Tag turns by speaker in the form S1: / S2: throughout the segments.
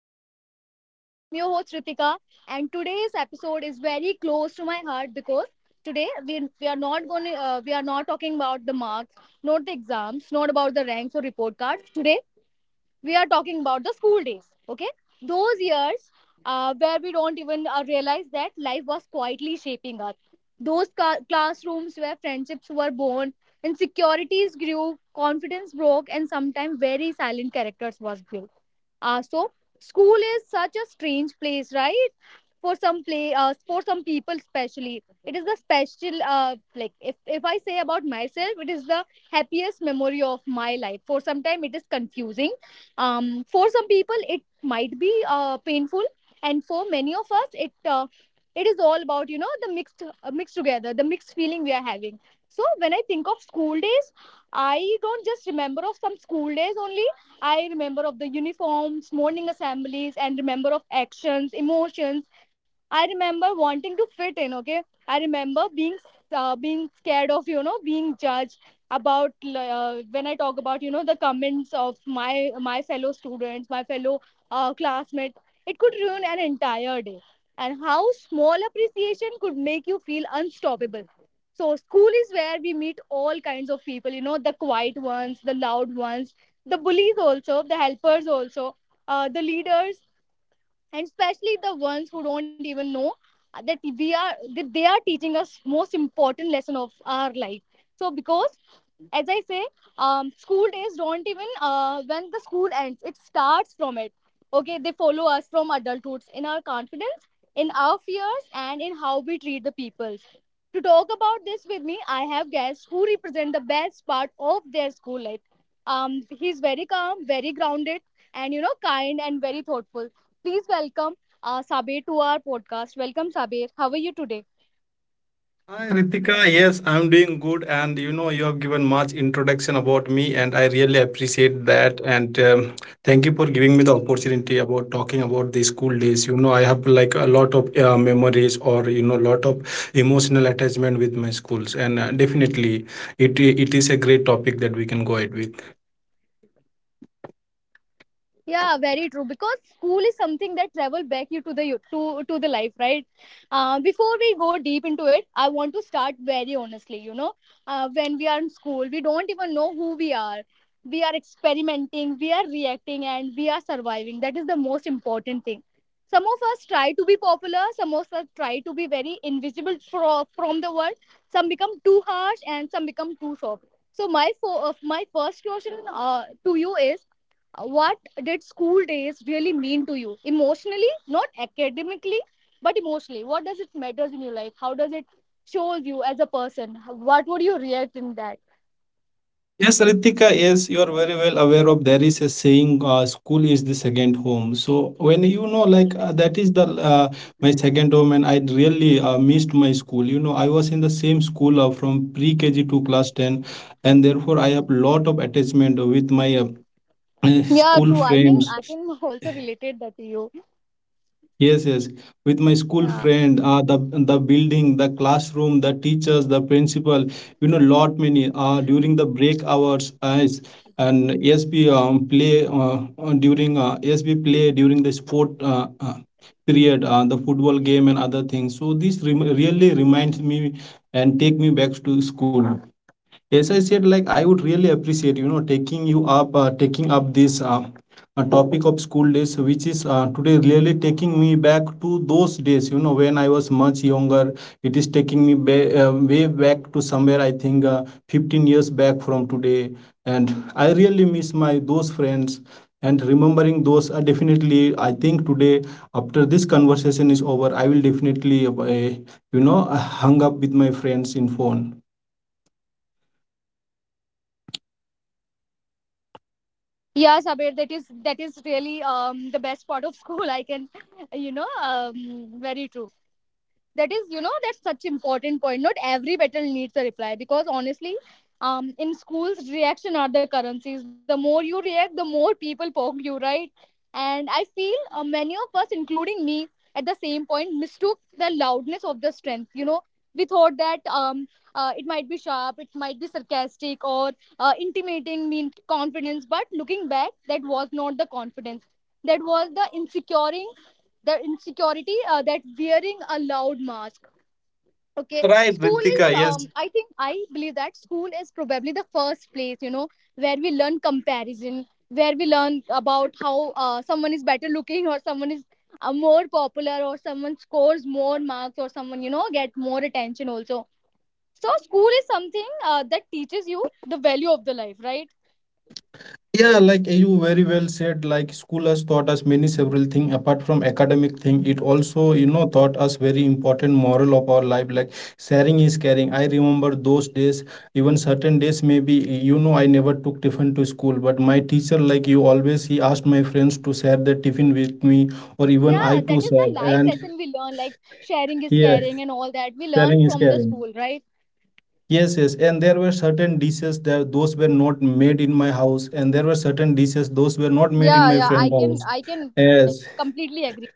S1: back to the podcast. I am your host, Ritika, and today's episode is very close to my heart because today we are not going we are not talking about the marks, not the exams, not about the ranks or report cards. Today we are talking about the school days, okay, those years where we don't even realize that life was quietly shaping us. Those classrooms where friendships were born, insecurities grew, confidence broke, and sometimes very silent characters was built. So school is such a strange place, right? For some play for some people especially, it is the special like if I say about myself, it is the happiest memory of my life. For some time it is confusing. um for some people it might be painful. And for many of us it is all about, you know, the mixed together, the mixed feeling we are having. So when I think of school days, I don't just remember of some school days only. I remember of the uniforms, morning assemblies, and remember of actions, emotions. I remember wanting to fit in. Okay, I remember being scared of, you know, being judged. About when I talk about, you know, the comments of my fellow students, my fellow classmates. It could ruin an entire day. And how small appreciation could make you feel unstoppable. So school is where we meet all kinds of people. You know, the quiet ones, the loud ones, the bullies also, the helpers also, the leaders, and especially the ones who don't even know that they are teaching us most important lesson of our life. So because, as I say, school days don't even when the school ends, it starts from it. Okay, they follow us from adulthood in our confidence, in our fears, and in how we treat the people. To talk about this with me, I have guests who represent the best part of their school life. He's very calm, very grounded, and, you know, kind and very thoughtful. Please welcome Sabir to our podcast. Welcome, Sabir. How are you today?
S2: Hi Ritika, yes, I'm doing good, and you know you have given much introduction about me, and I really appreciate that. And thank you for giving me the opportunity about talking about the school days. You know, I have like a lot of memories or lot of emotional attachment with my schools, and definitely it is a great topic that we can go ahead with.
S1: Yeah, very true, because school is something that travel back you to the to the life, right? Uh, before we go deep into it, I want to start very honestly, you know, when we are in school we don't even know who we are. We are experimenting, we are reacting, and we are surviving. That is the most important thing. Some of us try to be popular, some of us try to be very invisible from the world. Some become too harsh and some become too soft. So my my first question to you is, what did school days really mean to you emotionally, not academically, but emotionally? What does it matters in your life? How does it shows you as a person? What would you react in that?
S2: Yes, Ritika, yes, you are very well aware of there is a saying, school is the second home. So when you know, like that is the my second home, and I really missed my school. You know, I was in the same school from pre-KG to class 10, and therefore I have lot of attachment with my
S1: Yeah,
S2: school
S1: true, I can
S2: friends.
S1: i can also relate that to you.
S2: Yes, yes. With my school
S1: Yeah,
S2: friend, the building, the classroom, the teachers, the principal, you know, lot many. During the break hours, as and SB play during SB play during the sport period, the football game and other things. So this really reminds me and take me back to school. As I said, like, I would really appreciate, you know, taking up this topic of school days, which is today really taking me back to those days. You know, when I was much younger, it is taking me way back to somewhere I think 15 years back from today, and I really miss my those friends. And remembering those are definitely, I think today after this conversation is over, I will definitely, you know, hang up with my friends in phone.
S1: yeah, Sabir, that is really, um, the best part of school, I can, you know, um, very true. That is, you know, that's such important point. Not every battle needs a reply, because honestly, um, in schools reaction are the currencies. The more you react, the more people poke you, right? And I feel many of us including me at the same point mistook the loudness of the strength, you know. We thought that it might be sharp, it might be sarcastic, or intimating mean confidence, but looking back, that was not the confidence. That was the insecuring, the insecurity that wearing a loud mask. Okay,
S2: Right,
S1: school is,
S2: Ritika,
S1: um,
S2: yes.
S1: I think, I believe that school is probably the first place, you know, where we learn comparison, where we learn about how someone is better looking, or someone is more popular, or someone scores more marks, or someone, you know, get more attention also. So school is something that teaches you the value of the life, right?
S2: Yeah, like you very well said, like school has taught us many several thing apart from academic thing. It also, taught us very important moral of our life, like sharing is caring. I remember those days, even certain days maybe, I never took tiffin to school, but my teacher, like you always, he asked my friends to share the tiffin with me or even I
S1: Yeah,
S2: too
S1: that is the
S2: shared.
S1: life
S2: And
S1: lesson we learn, like sharing is
S2: yeah,
S1: caring, and all that we learn
S2: sharing is
S1: from the
S2: caring.
S1: school, right?
S2: Yes, yes, and there were certain dishes that those were not made in my house, and there were certain dishes those were not made in
S1: Yeah,
S2: my
S1: yeah, I
S2: friend's
S1: can
S2: house.
S1: i can like
S2: Yes,
S1: completely agree.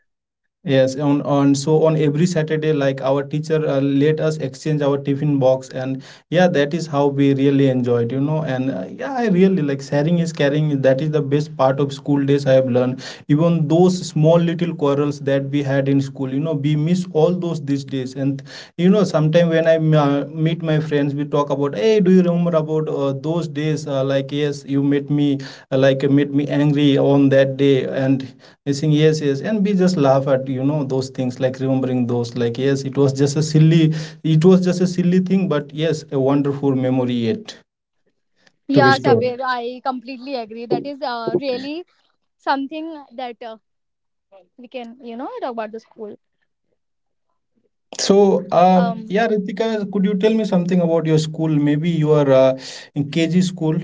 S2: yes, on every Saturday, like our teacher let us exchange our tiffin box, and yeah, that is how we really enjoyed, you know. And yeah, I really like sharing is caring. That is the best part of school days I have learned. Even those small little quarrels that we had in school, we miss all those these days. And sometimes when I meet my friends, we talk about, hey, do you remember about those days? Like, yes, you made me angry on that day, and he's saying yes, yes, and we just laugh at, those things, like remembering those, like, yes, it was just a silly thing, but yes, a wonderful memory yet to be
S1: Yeah,
S2: stored.
S1: Sabir, I completely agree. That is really something that we can, you know, talk about the school.
S2: So
S1: Um,
S2: yeah, Ritika, could you tell me something about your school? Maybe you are in KG school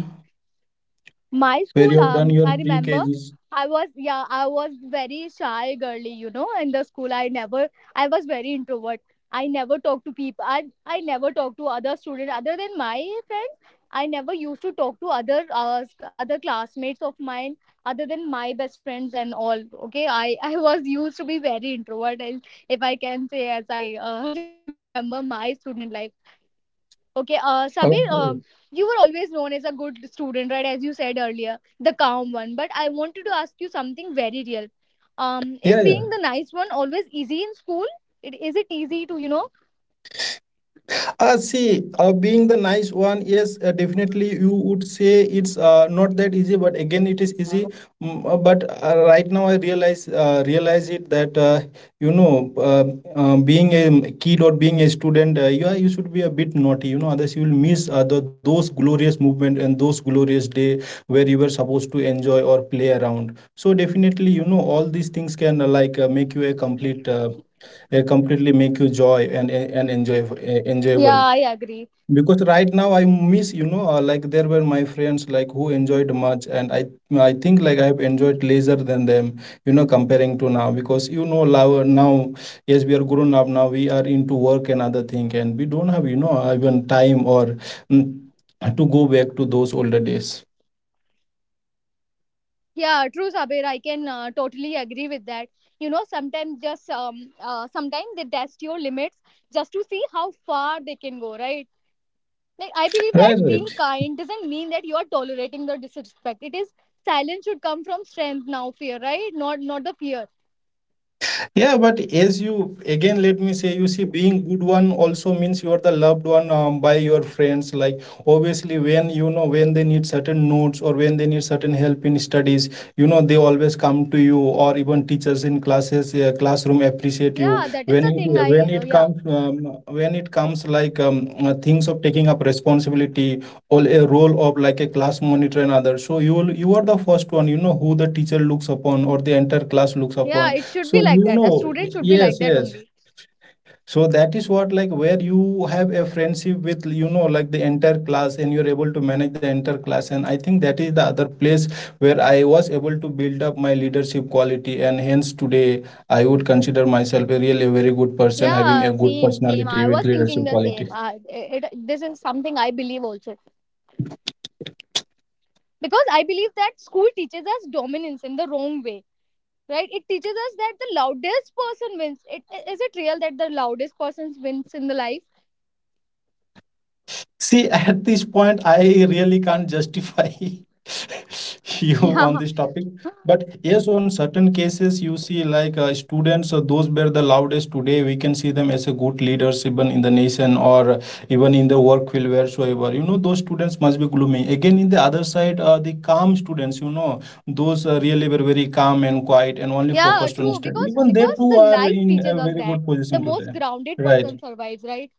S1: My
S2: where
S1: school,
S2: you have done your
S1: I remember
S2: pre-KGs.
S1: I was, yeah, I was very shy girly, you know, in the school. I never, I was very introvert. I never talked to people. I never talked to other students other than my friends. I never used to talk to other other classmates of mine other than my best friends and all. Okay, I was used to be very introvert, and if I can say, as I remember my student life. Okay, Sabir,
S2: Okay.
S1: you were always known as a good student, right? As you said earlier, the calm one. But I wanted to ask you something very real. Is
S2: Yeah, yeah.
S1: being the nice one always easy in school? It is, it easy to, you know?
S2: See, being the nice one, yes, definitely you would say it's not that easy, but again, it is easy. But right now, I realize it that you know, uh, being a kid or being a student, you should be a bit naughty. You know, otherwise you will miss those glorious movement and those glorious day where you were supposed to enjoy or play around. So definitely, you know, all these things can like make you a completely make you joy and
S1: Yeah,
S2: enjoyable,
S1: I agree.
S2: because right now I miss, like there were my friends like who enjoyed much, and I think like I have enjoyed lesser than them, comparing to now, because now, yes, we are grown up now, we are into work and other thing, and we don't have, even time or mm, to go back to those older days.
S1: Yeah, true, Sabir. I can totally agree with that. You know, sometimes just sometimes they test your limits just to see how far they can go, right? Like I believe that
S2: Right,
S1: being
S2: right.
S1: kind doesn't mean that you are tolerating the disrespect. It is silence should come from strength now fear, right, not not the fear.
S2: Yeah, but as you again, let me say, you see, being good one also means you are the loved one by your friends. Like obviously, when when they need certain notes or when they need certain help in studies, you know they always come to you, or even teachers in classes, classroom appreciate you.
S1: Yeah, that is the thing i
S2: When
S1: uh,
S2: it
S1: Yeah,
S2: comes um, when it comes, like, things of taking up responsibility or a role of like a class monitor and other. So you are the first one, you know, who the teacher looks upon or the entire class looks
S1: yeah,
S2: upon.
S1: it should be
S2: So,
S1: like that. A student should be like
S2: yes,
S1: that
S2: yes.
S1: only.
S2: So that is what, like, where you have a friendship with, like, the entire class, and you're able to manage the entire class, and I think that is the other place where I was able to build up my leadership quality, and hence today I would consider myself a really a very good person having
S1: Yeah,
S2: a good
S1: same, same,
S2: personality
S1: I
S2: with
S1: was
S2: leadership
S1: thinking the
S2: quality.
S1: same. This is something I believe also, because I believe that school teaches us dominance in the wrong way, right? It teaches us that the loudest person wins. It, is it real that the loudest person wins in the life?
S2: See, at this point, I really can't justify you on
S1: Yeah.
S2: this topic. But yes, on certain cases, you see, like students, those were the loudest today. We can see them as a good leaders, even in the nation or even in the work field, wheresoever. You know, those students must be gloomy. Again, in the other side, the calm students, you know, those really were very calm and quiet and only
S1: Yeah,
S2: focused on
S1: true.
S2: study. Even they
S1: Because
S2: too
S1: the
S2: are
S1: life
S2: in a
S1: teaches us
S2: very good
S1: that
S2: position
S1: the
S2: today.
S1: most grounded
S2: Right.
S1: person survives, right?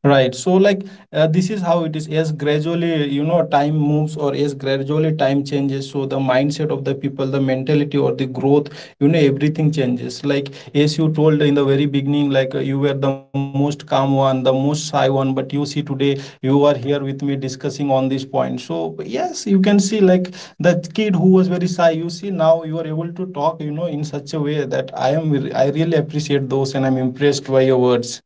S2: Right. So, like, this is how it is. As gradually, time moves, or as gradually time changes, so the mindset of the people, the mentality, or the growth, everything changes. Like, as you told in the very beginning, like, you were the most calm one, the most shy one, but you see today, you are here with me discussing on this point. So, yes, you can see, like, the kid who was very shy, you see, now you are able to talk, in such a way that I really appreciate those, and I'm impressed by your words.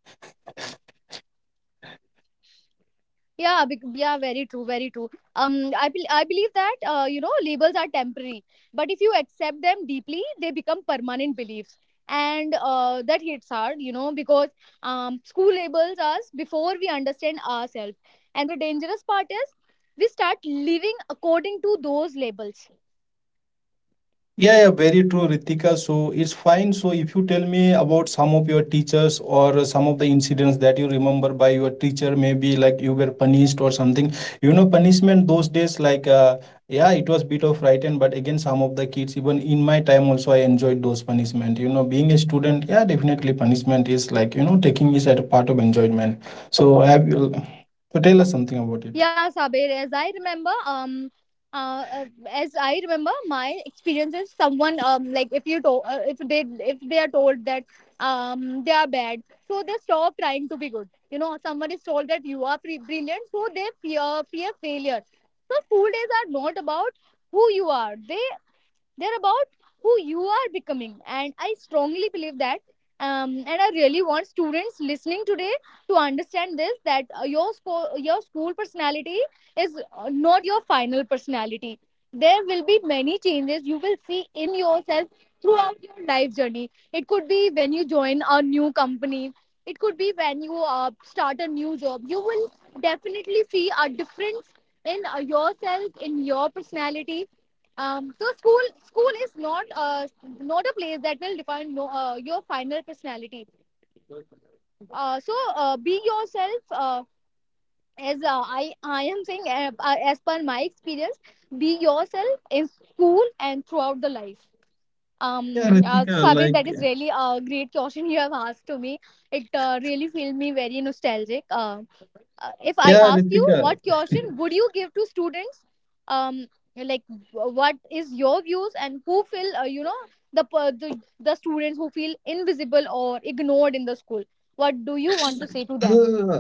S1: Yeah, bec yeah, very true, very true. Um, I bel I believe that, you know, labels are temporary, but if you accept them deeply, they become permanent beliefs. And that hits hard, you know, because, school labels us before we understand ourselves, and the dangerous part is we start living according to those labels.
S2: Yeah, yeah, very true, Ritika. So it's fine. So if you tell me about some of your teachers or some of the incidents that you remember by your teacher, maybe like you were punished or something. You know, punishment those days, like, yeah, it was bit of frightened, but again, some of the kids, even in my time also, I enjoyed those punishment. You know, being a student, yeah, definitely punishment is like, taking is at a part of enjoyment. So have you, so tell us something about it.
S1: Yeah, Sabir, uh, uh, as I remember, my experience is someone, um, like if if they, if they are told that, um, they are bad, so they stop trying to be good. You know, someone is told that you are brilliant, so they fear failure. So school days are not about who you are; they're about who you are becoming. And I strongly believe that, and I really want students listening today to understand this, that your school personality is not your final personality. There will be many changes you will see in yourself throughout your life journey. It could be when you join a new company. It could be when you start a new job. You will definitely see a difference in yourself, in your personality. Um, so school is not a place that will define no, your final personality. So be yourself. As I am saying, as per my experience, be yourself in school and throughout the life.
S2: Yeah, Ritika,
S1: So, Sabir,
S2: like,
S1: that is really a great question you have asked to me. It really filled me very nostalgic. If I
S2: yeah,
S1: ask you,
S2: Ritika.
S1: what caution would you give to students, um, like, what is your views, and who feel, you know, the the students who feel invisible or ignored in the school. What do you want to say to them?
S2: Uh,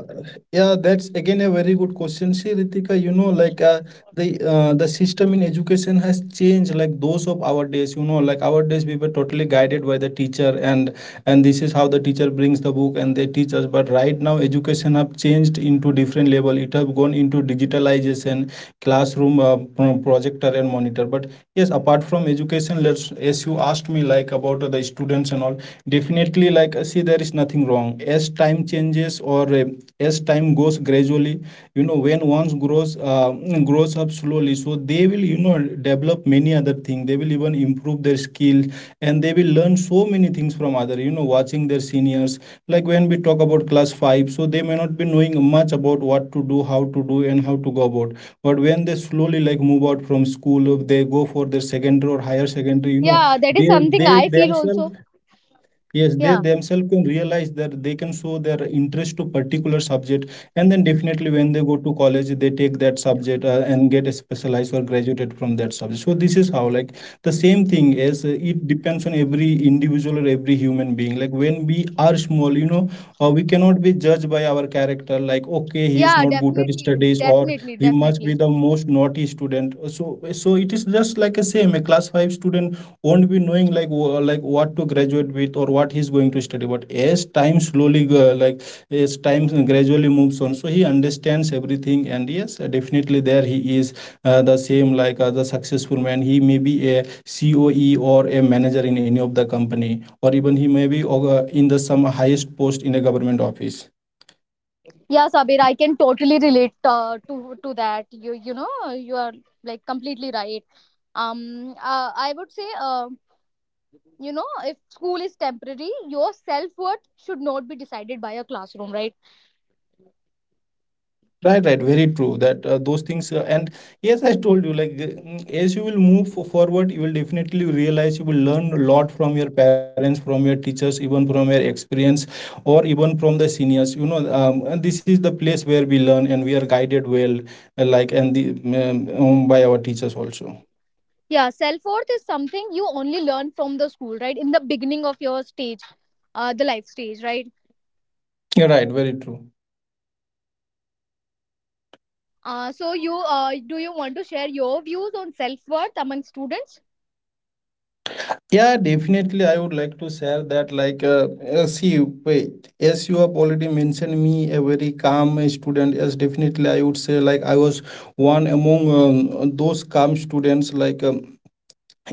S2: yeah, that's again a very good question. See, Ritika, you know, like, the system in education has changed. Like those of our days, you know, like our days we were totally guided by the teacher, and this is how the teacher brings the book and they teach us. But right now, education have changed into different level. It have gone into digitalization, classroom, projector and monitor. But yes, apart from education, let's, as you asked me, like, about the students and all, definitely, like, see, there is nothing wrong as time changes or as time goes gradually, you know, when once grows, grows up slowly, so they will, you know, develop many other things. They will even improve their skills, and they will learn so many things from other, you know, watching their seniors. Like, when we talk about class 5, so they may not be knowing much about what to do, how to do, and how to go about. But when they slowly like move out from school, they go for their secondary or higher secondary, you know,
S1: Yeah, that
S2: they
S1: is something
S2: they
S1: I feel
S2: themselves.
S1: also.
S2: Yes, they
S1: Yeah,
S2: themselves can realize that they can show their interest to particular subject, and then definitely when they go to college, they take that subject and get specialized or graduated from that subject. So this is how, like, the same thing is. It depends on every individual or every human being. Like, when we are small, we cannot be judged by our character. Like, okay, he is
S1: yeah,
S2: not good at
S1: definitely,
S2: studies, or
S1: definitely,
S2: he must be
S1: definitely.
S2: the most naughty student. So it is just like a same a class 5 student won't be knowing like what to graduate with or what he's going to study, but as time slowly go, as time gradually moves on, so he understands everything. And yes, definitely there he is the same, like, the successful man, he may be a COE or a manager in any of the company, or even he may be in the some highest post in a government office.
S1: Yeah, Sabir, I can totally relate to to that. You know you are like completely right. I would say you know, if school is temporary, your self-worth should not be decided by a classroom, right?
S2: Right, right, very true. That those things, and yes, I told you, like, as you will forward, you will definitely realize you will learn a lot from your parents, from your teachers, even from your experience, or even from the seniors. And this is the place where we learn and we are guided well, like, and the by our teachers also.
S1: Yeah, self-worth is something you only learn from the school, right? In the beginning of your stage, the life stage, right?
S2: Yeah, right, very true.
S1: Uh, so you uh, do you want to share your views on self-worth among students?
S2: Yeah, definitely, I would like to share that. Like, see, wait, as you have already mentioned me, a very calm student. Yes, definitely, I would say, like, I was one among those calm students. Like,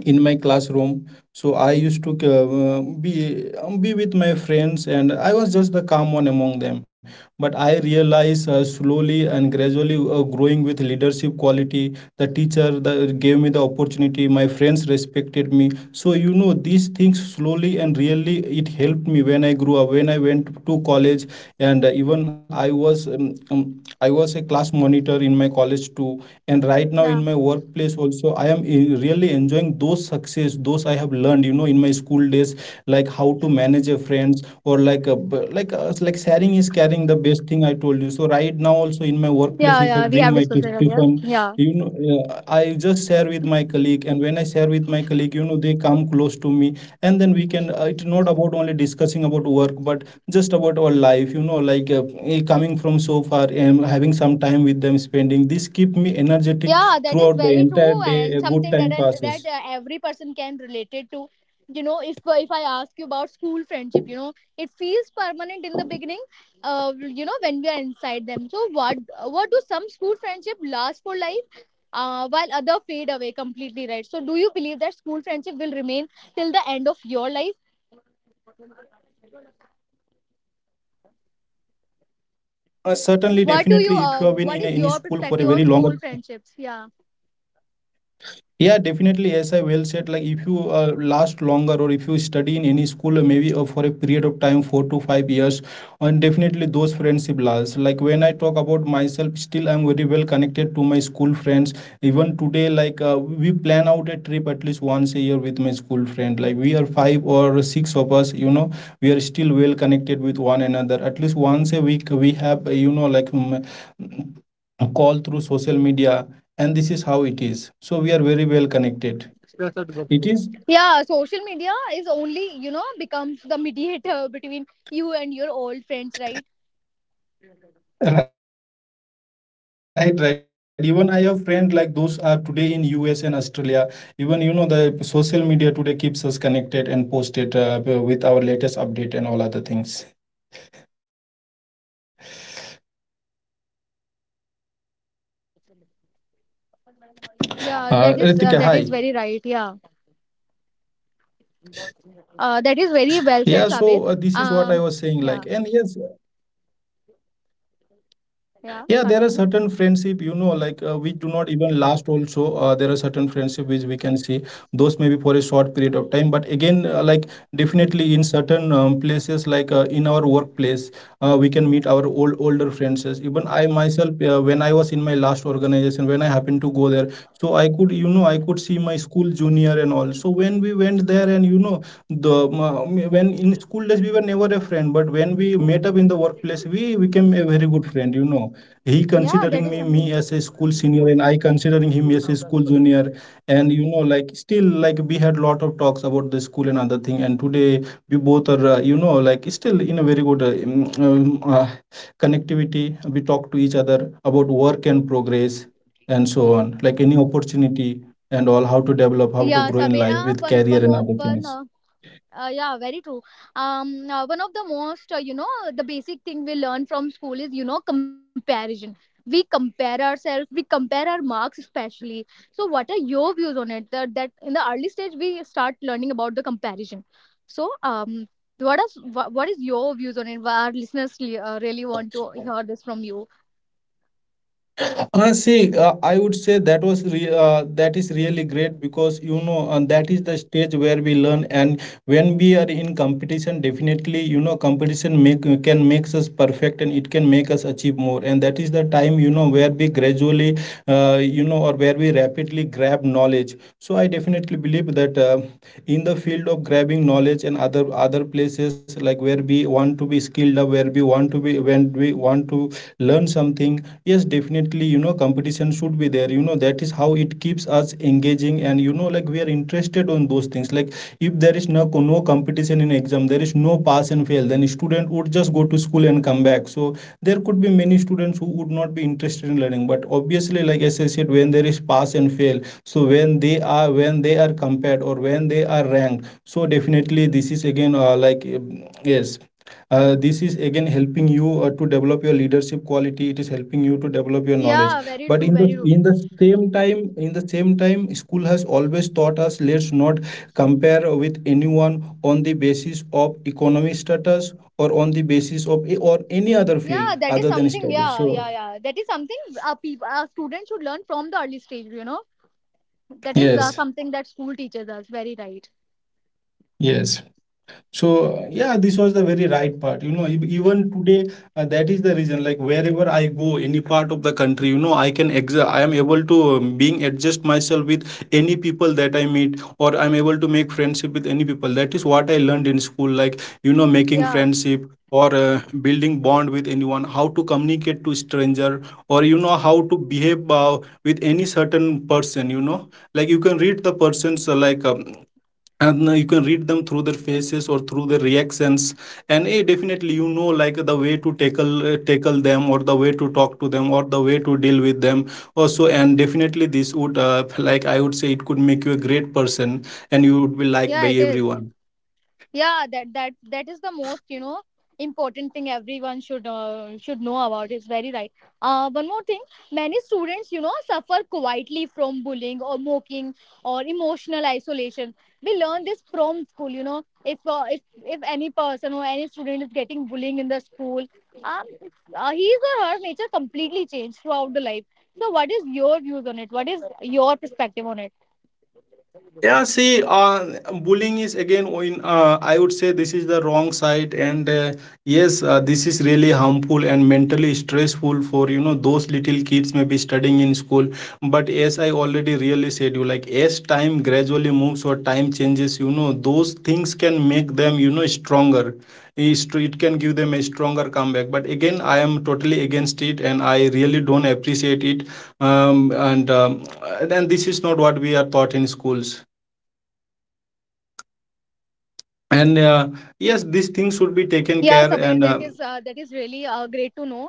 S2: in my classroom, so I used to be with my friends, and I was just the calm one among them. But I realized, slowly and gradually, growing with leadership quality, the teacher gave me the opportunity, my friends respected me, so you know these things slowly. And really it helped me when I grew up, when I went to college. And even I was a class monitor in my college too. And right now in
S1: Yeah,
S2: my workplace also, I am really enjoying those success, those I have learned, you know, in my school days. Like how to manage a friends, or like a, b- like sharing is caring, the best thing I told you. So right now also in
S1: yeah,
S2: my
S1: yeah, we have
S2: workplace, if I
S1: discussed that
S2: bring my
S1: earlier. Yeah,
S2: tiffin, you know I just share with my colleague. And when I share with my colleague, you know, they come close to me. And then we can, it's not about only discussing about work, but just about our life, you know, like, coming from so far and having some time with them, spending this keep me energetic
S1: yeah, that is
S2: throughout the
S1: very
S2: entire
S1: true
S2: day.
S1: and
S2: A good
S1: something that
S2: time
S1: and that
S2: passes.
S1: every person can relate it to. You know, if I ask you about school friendship, you know, it feels permanent in the beginning. You know, when we are inside them, so what do some school friendship last for life? While other fade away completely, right? So do you believe that school friendship will remain till the end of your life?
S2: Yeah, well, certainly, definitely, if you have been in a, any school for a very longer.
S1: What is your perspective on school friendships? Yeah,
S2: Yeah, definitely. As I well said, like if you last longer, or if you study in any school, maybe for a period of time, 4 to 5 years, and definitely those friendship lasts. Like when I talk about myself, still I'm very well connected to my school friends. Even today, like, we plan out a trip at least once a year with my school friend. Like we are five or six of us, you know, we are still well connected with one another. At least once a week, we have, call through social media. And this is how it is, so we are very well connected. It is.
S1: yeah, social media is only, you know, becomes the mediator between you and your old friends, right?
S2: Right, right, even I have friends like those are today in US and Australia. Even, you know, the social media today keeps us connected and posted with our latest update and all other things. Ritika, hi.
S1: Yeah, that is very right. Yeah,
S2: Yeah, so this is what I was saying,
S1: that is
S2: like, and
S1: very well
S2: yes.
S1: said, Sabir. Um, yeah,
S2: Yeah, there are certain friendship, you know, like,
S1: yeah,
S2: which do not
S1: continue.
S2: even last also. There are certain friendship which we can see, those may be for a short period of time. But again, like, definitely in certain places, like, in our workplace, we can meet our old older friends. Even I myself, when I was in my last organization, when I happened to go there, so I could, you know, I could see my school junior and all. So when we went there, and you know, when in school days we were never a friend, but when we met up in the workplace, we became a very good friend, you know, he considering me as a
S1: Yeah, that
S2: school
S1: is
S2: senior,
S1: something.
S2: and I considering him as a school junior. And you know, like, still, like, we had lot of talks about the school and other thing. And today we both are, you know, like, still in a very good connectivity. We talk to each other about work and progress and so on, like any opportunity and all, how to develop, how to grow in life
S1: Yeah
S2: with
S1: sabir
S2: career and other
S1: one
S2: things.
S1: one more one yeah, very true. One of the most, you know, the basic thing we learn from school is, you know, comparison. We compare ourselves, we compare our marks especially. So what are your views on it? That in the early stage we start learning about the comparison. So what is your views on it? Our listeners really want to hear this from you.
S2: See, I would say that that is really great because you know that is the stage where we learn. And when we are in competition, definitely you know competition make can makes us perfect, and it can make us achieve more. And that is the time, you know, where we gradually, you know, or where we rapidly grab knowledge. So I definitely believe that in the field of grabbing knowledge and other places, like where we want to be skilled up, where we want to be, when we want to learn something. Yes, definitely, you know, competition should be there. You know that is how it keeps us engaging, and you know, like, we are interested on those things, like, if there is no competition in exam, there is no pass and fail, then student would just go to school and come back. So there could be many students who would not be interested in learning. But obviously, like, as I said, when there is pass and fail, so when they are, when they are compared or when they are ranked, so definitely this is again, like, yes, this is again helping you, to develop your leadership quality, it is helping you to develop your knowledge.
S1: Yeah,
S2: But
S1: very
S2: in
S1: true,
S2: the
S1: very
S2: in
S1: true.
S2: the same time, school has always taught us let's not compare with anyone on the basis of economic status, or on the basis of or any other field
S1: Yeah,
S2: other
S1: that is
S2: than
S1: something.
S2: studies. So
S1: Yeah, yeah, yeah. That is something. Students should learn from the early stage. You know, that is
S2: yes,
S1: something that school teaches us, very right.
S2: yes. So yeah, this was the very right part, you know, even today, that is the reason, like wherever I go, any part of the country, you know, I am able to, being adjust myself with any people that I meet, or I'm able to make friendship with any people. That is what I learned in school, like, you know, making
S1: Yeah,
S2: friendship or building bond with anyone, how to communicate to stranger, or you know how to behave, with any certain person, you know, like you can read the person's, like, and you can read them through their faces or through their reactions, and definitely, you know, like, the way to tackle them, or the way to talk to them, or the way to deal with them also. And definitely this would, like, I would say, it could make you a great person, and you would be liked
S1: yeah,
S2: by
S1: it is.
S2: everyone.
S1: Yeah, that is the most, you know, important thing everyone should should know about. It's very right. One more thing, many students, you know, suffer quietly from bullying or mocking or emotional isolation. We learn this from school. You know, if if any person or any student is getting bullying in the school, um, his or her nature completely changed throughout the life. So what is your views on it? What is your perspective on it?
S2: Yeah, see, bullying is again, I would say this is the wrong side, and yes, this is really harmful and mentally stressful for, you know, those little kids may be studying in school. But as I already really said, you like as time gradually moves, or time changes, you know those things can make them, you know, stronger. It can give them a stronger comeback. But again, I am totally against it, and I really don't appreciate it. Um, and and this is not what we are taught in schools. And yes, these things should be taken
S1: Yeah,
S2: care,
S1: Sabir,
S2: and
S1: that is really great to know.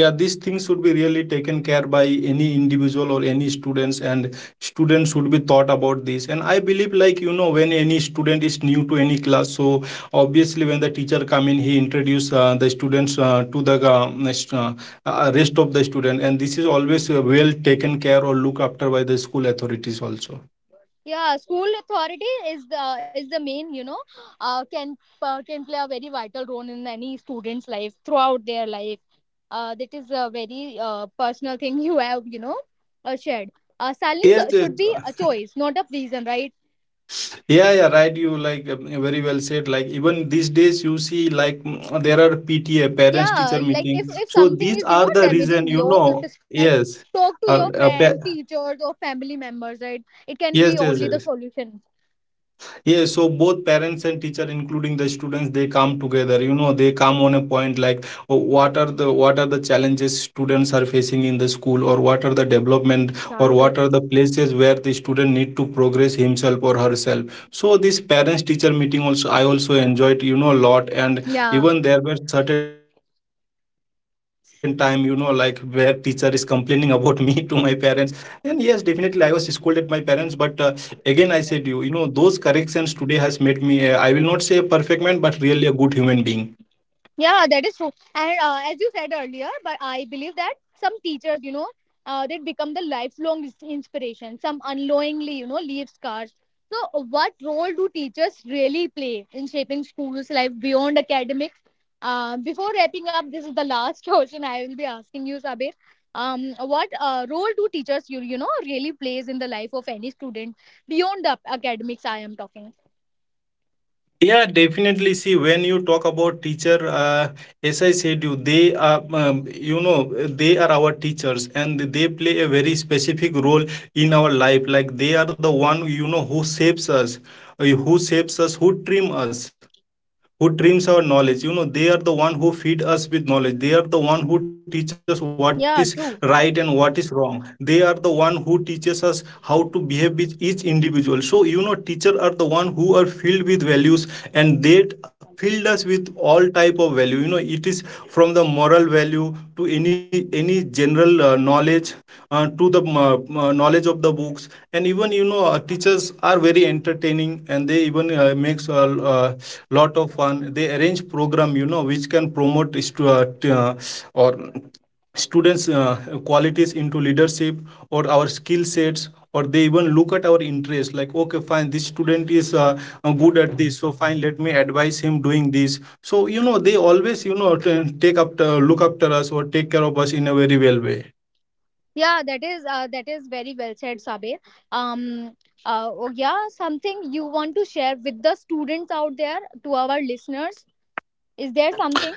S2: yeah, these things should be really taken care by any individual or any students, and students should be thought about this. And I believe, like, you know, when any student is new to any class, so obviously when the teacher come in, he introduce, the students, to the, rest of the student. And this is always, well taken care or look after by the school authorities also.
S1: Yeah, school authority is the main, you know, can can play a very vital role in any student's life throughout their life. That is a very personal thing you have, you know, shared. Silence
S2: Yes, yes,
S1: should be a choice, not a reason, right?
S2: yeah, yeah, right. You like, very well said. Like even these days, you see like, there are PTA, parents teacher
S1: Yeah, like
S2: meeting.
S1: if
S2: So
S1: something
S2: these
S1: is, you
S2: are
S1: know,
S2: the reason,
S1: damaging
S2: you
S1: your self
S2: know.
S1: respect,
S2: Yes,
S1: talk to
S2: uh,
S1: your
S2: uh, pa-
S1: friend, teachers or family members, right? It can
S2: yes,
S1: be
S2: yes,
S1: only the
S2: yes.
S1: solution.
S2: Yes, so both parents and teacher, including the students, they come together. You know, they come on a point like, oh, what are the challenges students are facing in the school, or what are the development, or
S1: Chalu,
S2: what are
S1: kaise-
S2: the places where the student need to progress himself or herself. So this parents teacher meeting also I also enjoyed, you know, a lot, and
S1: yeah.
S2: even there were certain time, you know, like where teacher is complaining about me to my parents, and yes, definitely I was scolded my parents, but. Again, I said you, you know, those corrections today has made me, a, I will not say a perfect man, but really a good human being.
S1: Yeah, that is true. And as you said earlier, but I believe that some teachers, you know, they become the lifelong inspiration. Some unknowingly, you know, leave scars. So, what role do teachers really play in shaping schools' life beyond academics? Before wrapping up, this is the last question I will be asking you, Sabir. What role do teachers, you know, really plays in the life of any student beyond the academics? I am talking.
S2: Yeah, definitely. See, when you talk about teacher, as I said you, they are, you know, they are our teachers, and they play a very specific role in our life. Like they are the one, you know, who saves us, who saves us, who trim us, who trims our knowledge. You know, they are the one who feed us with knowledge. They are the one who teach us what is
S1: Yeah,
S2: right
S1: true.
S2: and what is wrong. They are the one who teaches us how to behave with each individual. So you know, teacher are the one who are filled with values, and they filled us with all type of value. You know, it is from the moral value to any general knowledge, to the knowledge of the books. And even, you know, teachers are very entertaining, and they even, makes a uh, lot of fun. They arrange program, you know, which can promote or students qualities into leadership, or our skill sets. Or they even look at our interest like, okay fine, this student is, good at this, so fine, let me advise him doing this. So you know, they always, you know, t- take up look after us or take care of us in a very well way.
S1: Yeah, that is very well said, Sabe. Um, oh, yeah, something you want to share with the students out there to our listeners? Is there something?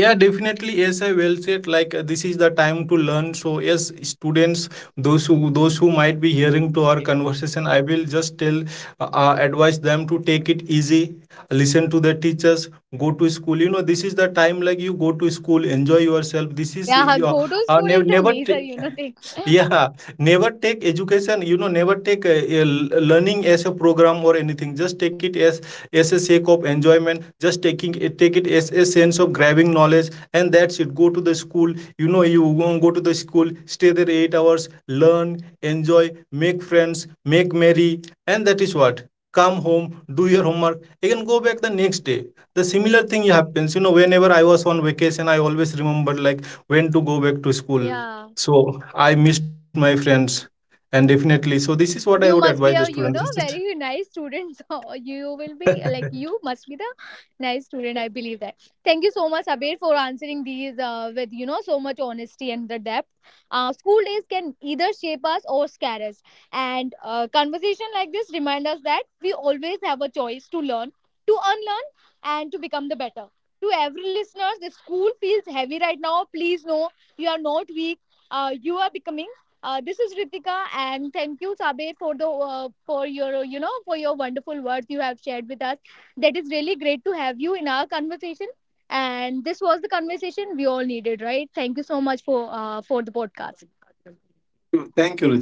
S2: Yeah, definitely, yes, I well said like, this is the time to learn. So yes, students, those who might be hearing to our conversation, I will just tell, advise them to take it easy, listen to the teachers, go to school, you know, this is the time, like, you go to school, enjoy yourself, this is
S1: Yeah,
S2: your,
S1: go to school
S2: never
S1: is the
S2: never t-
S1: major, you know, thing.
S2: yeah, never take education, you know, never take learning as a program or anything. Just take it as a sake of enjoyment. Just taking it, take it as a sense of grabbing knowledge, and that's it. Go to the school, you know, you go to the school, stay there 8 hours, learn, enjoy, make friends, make merry, and that is what. Come home, do your homework, again go back the next day. The similar thing happens, you know, whenever I was on vacation, I always remember like when to go back to school,
S1: Yeah.
S2: so I missed my friends, and definitely. So this is what I would
S1: You
S2: advise the
S1: must be a,
S2: students.
S1: you
S2: This
S1: know,
S2: is-
S1: very nice student so you will be like you must be the nice student, I believe that. Thank you so much, Abir, for answering these with, you know, so much honesty and the depth. School days can either shape us or scare us, and conversation like this remind us that we always have a choice to learn, to unlearn, and to become the better. To every listeners, if school feels heavy right now, please know you are not weak. You are becoming. This is Ritika, and thank you, Sabir, for the for your you know, for your wonderful words you have shared with us. That is really great to have you in our conversation, and this was the conversation we all needed, right? Thank you so much for the podcast.
S2: Thank you, Ritik.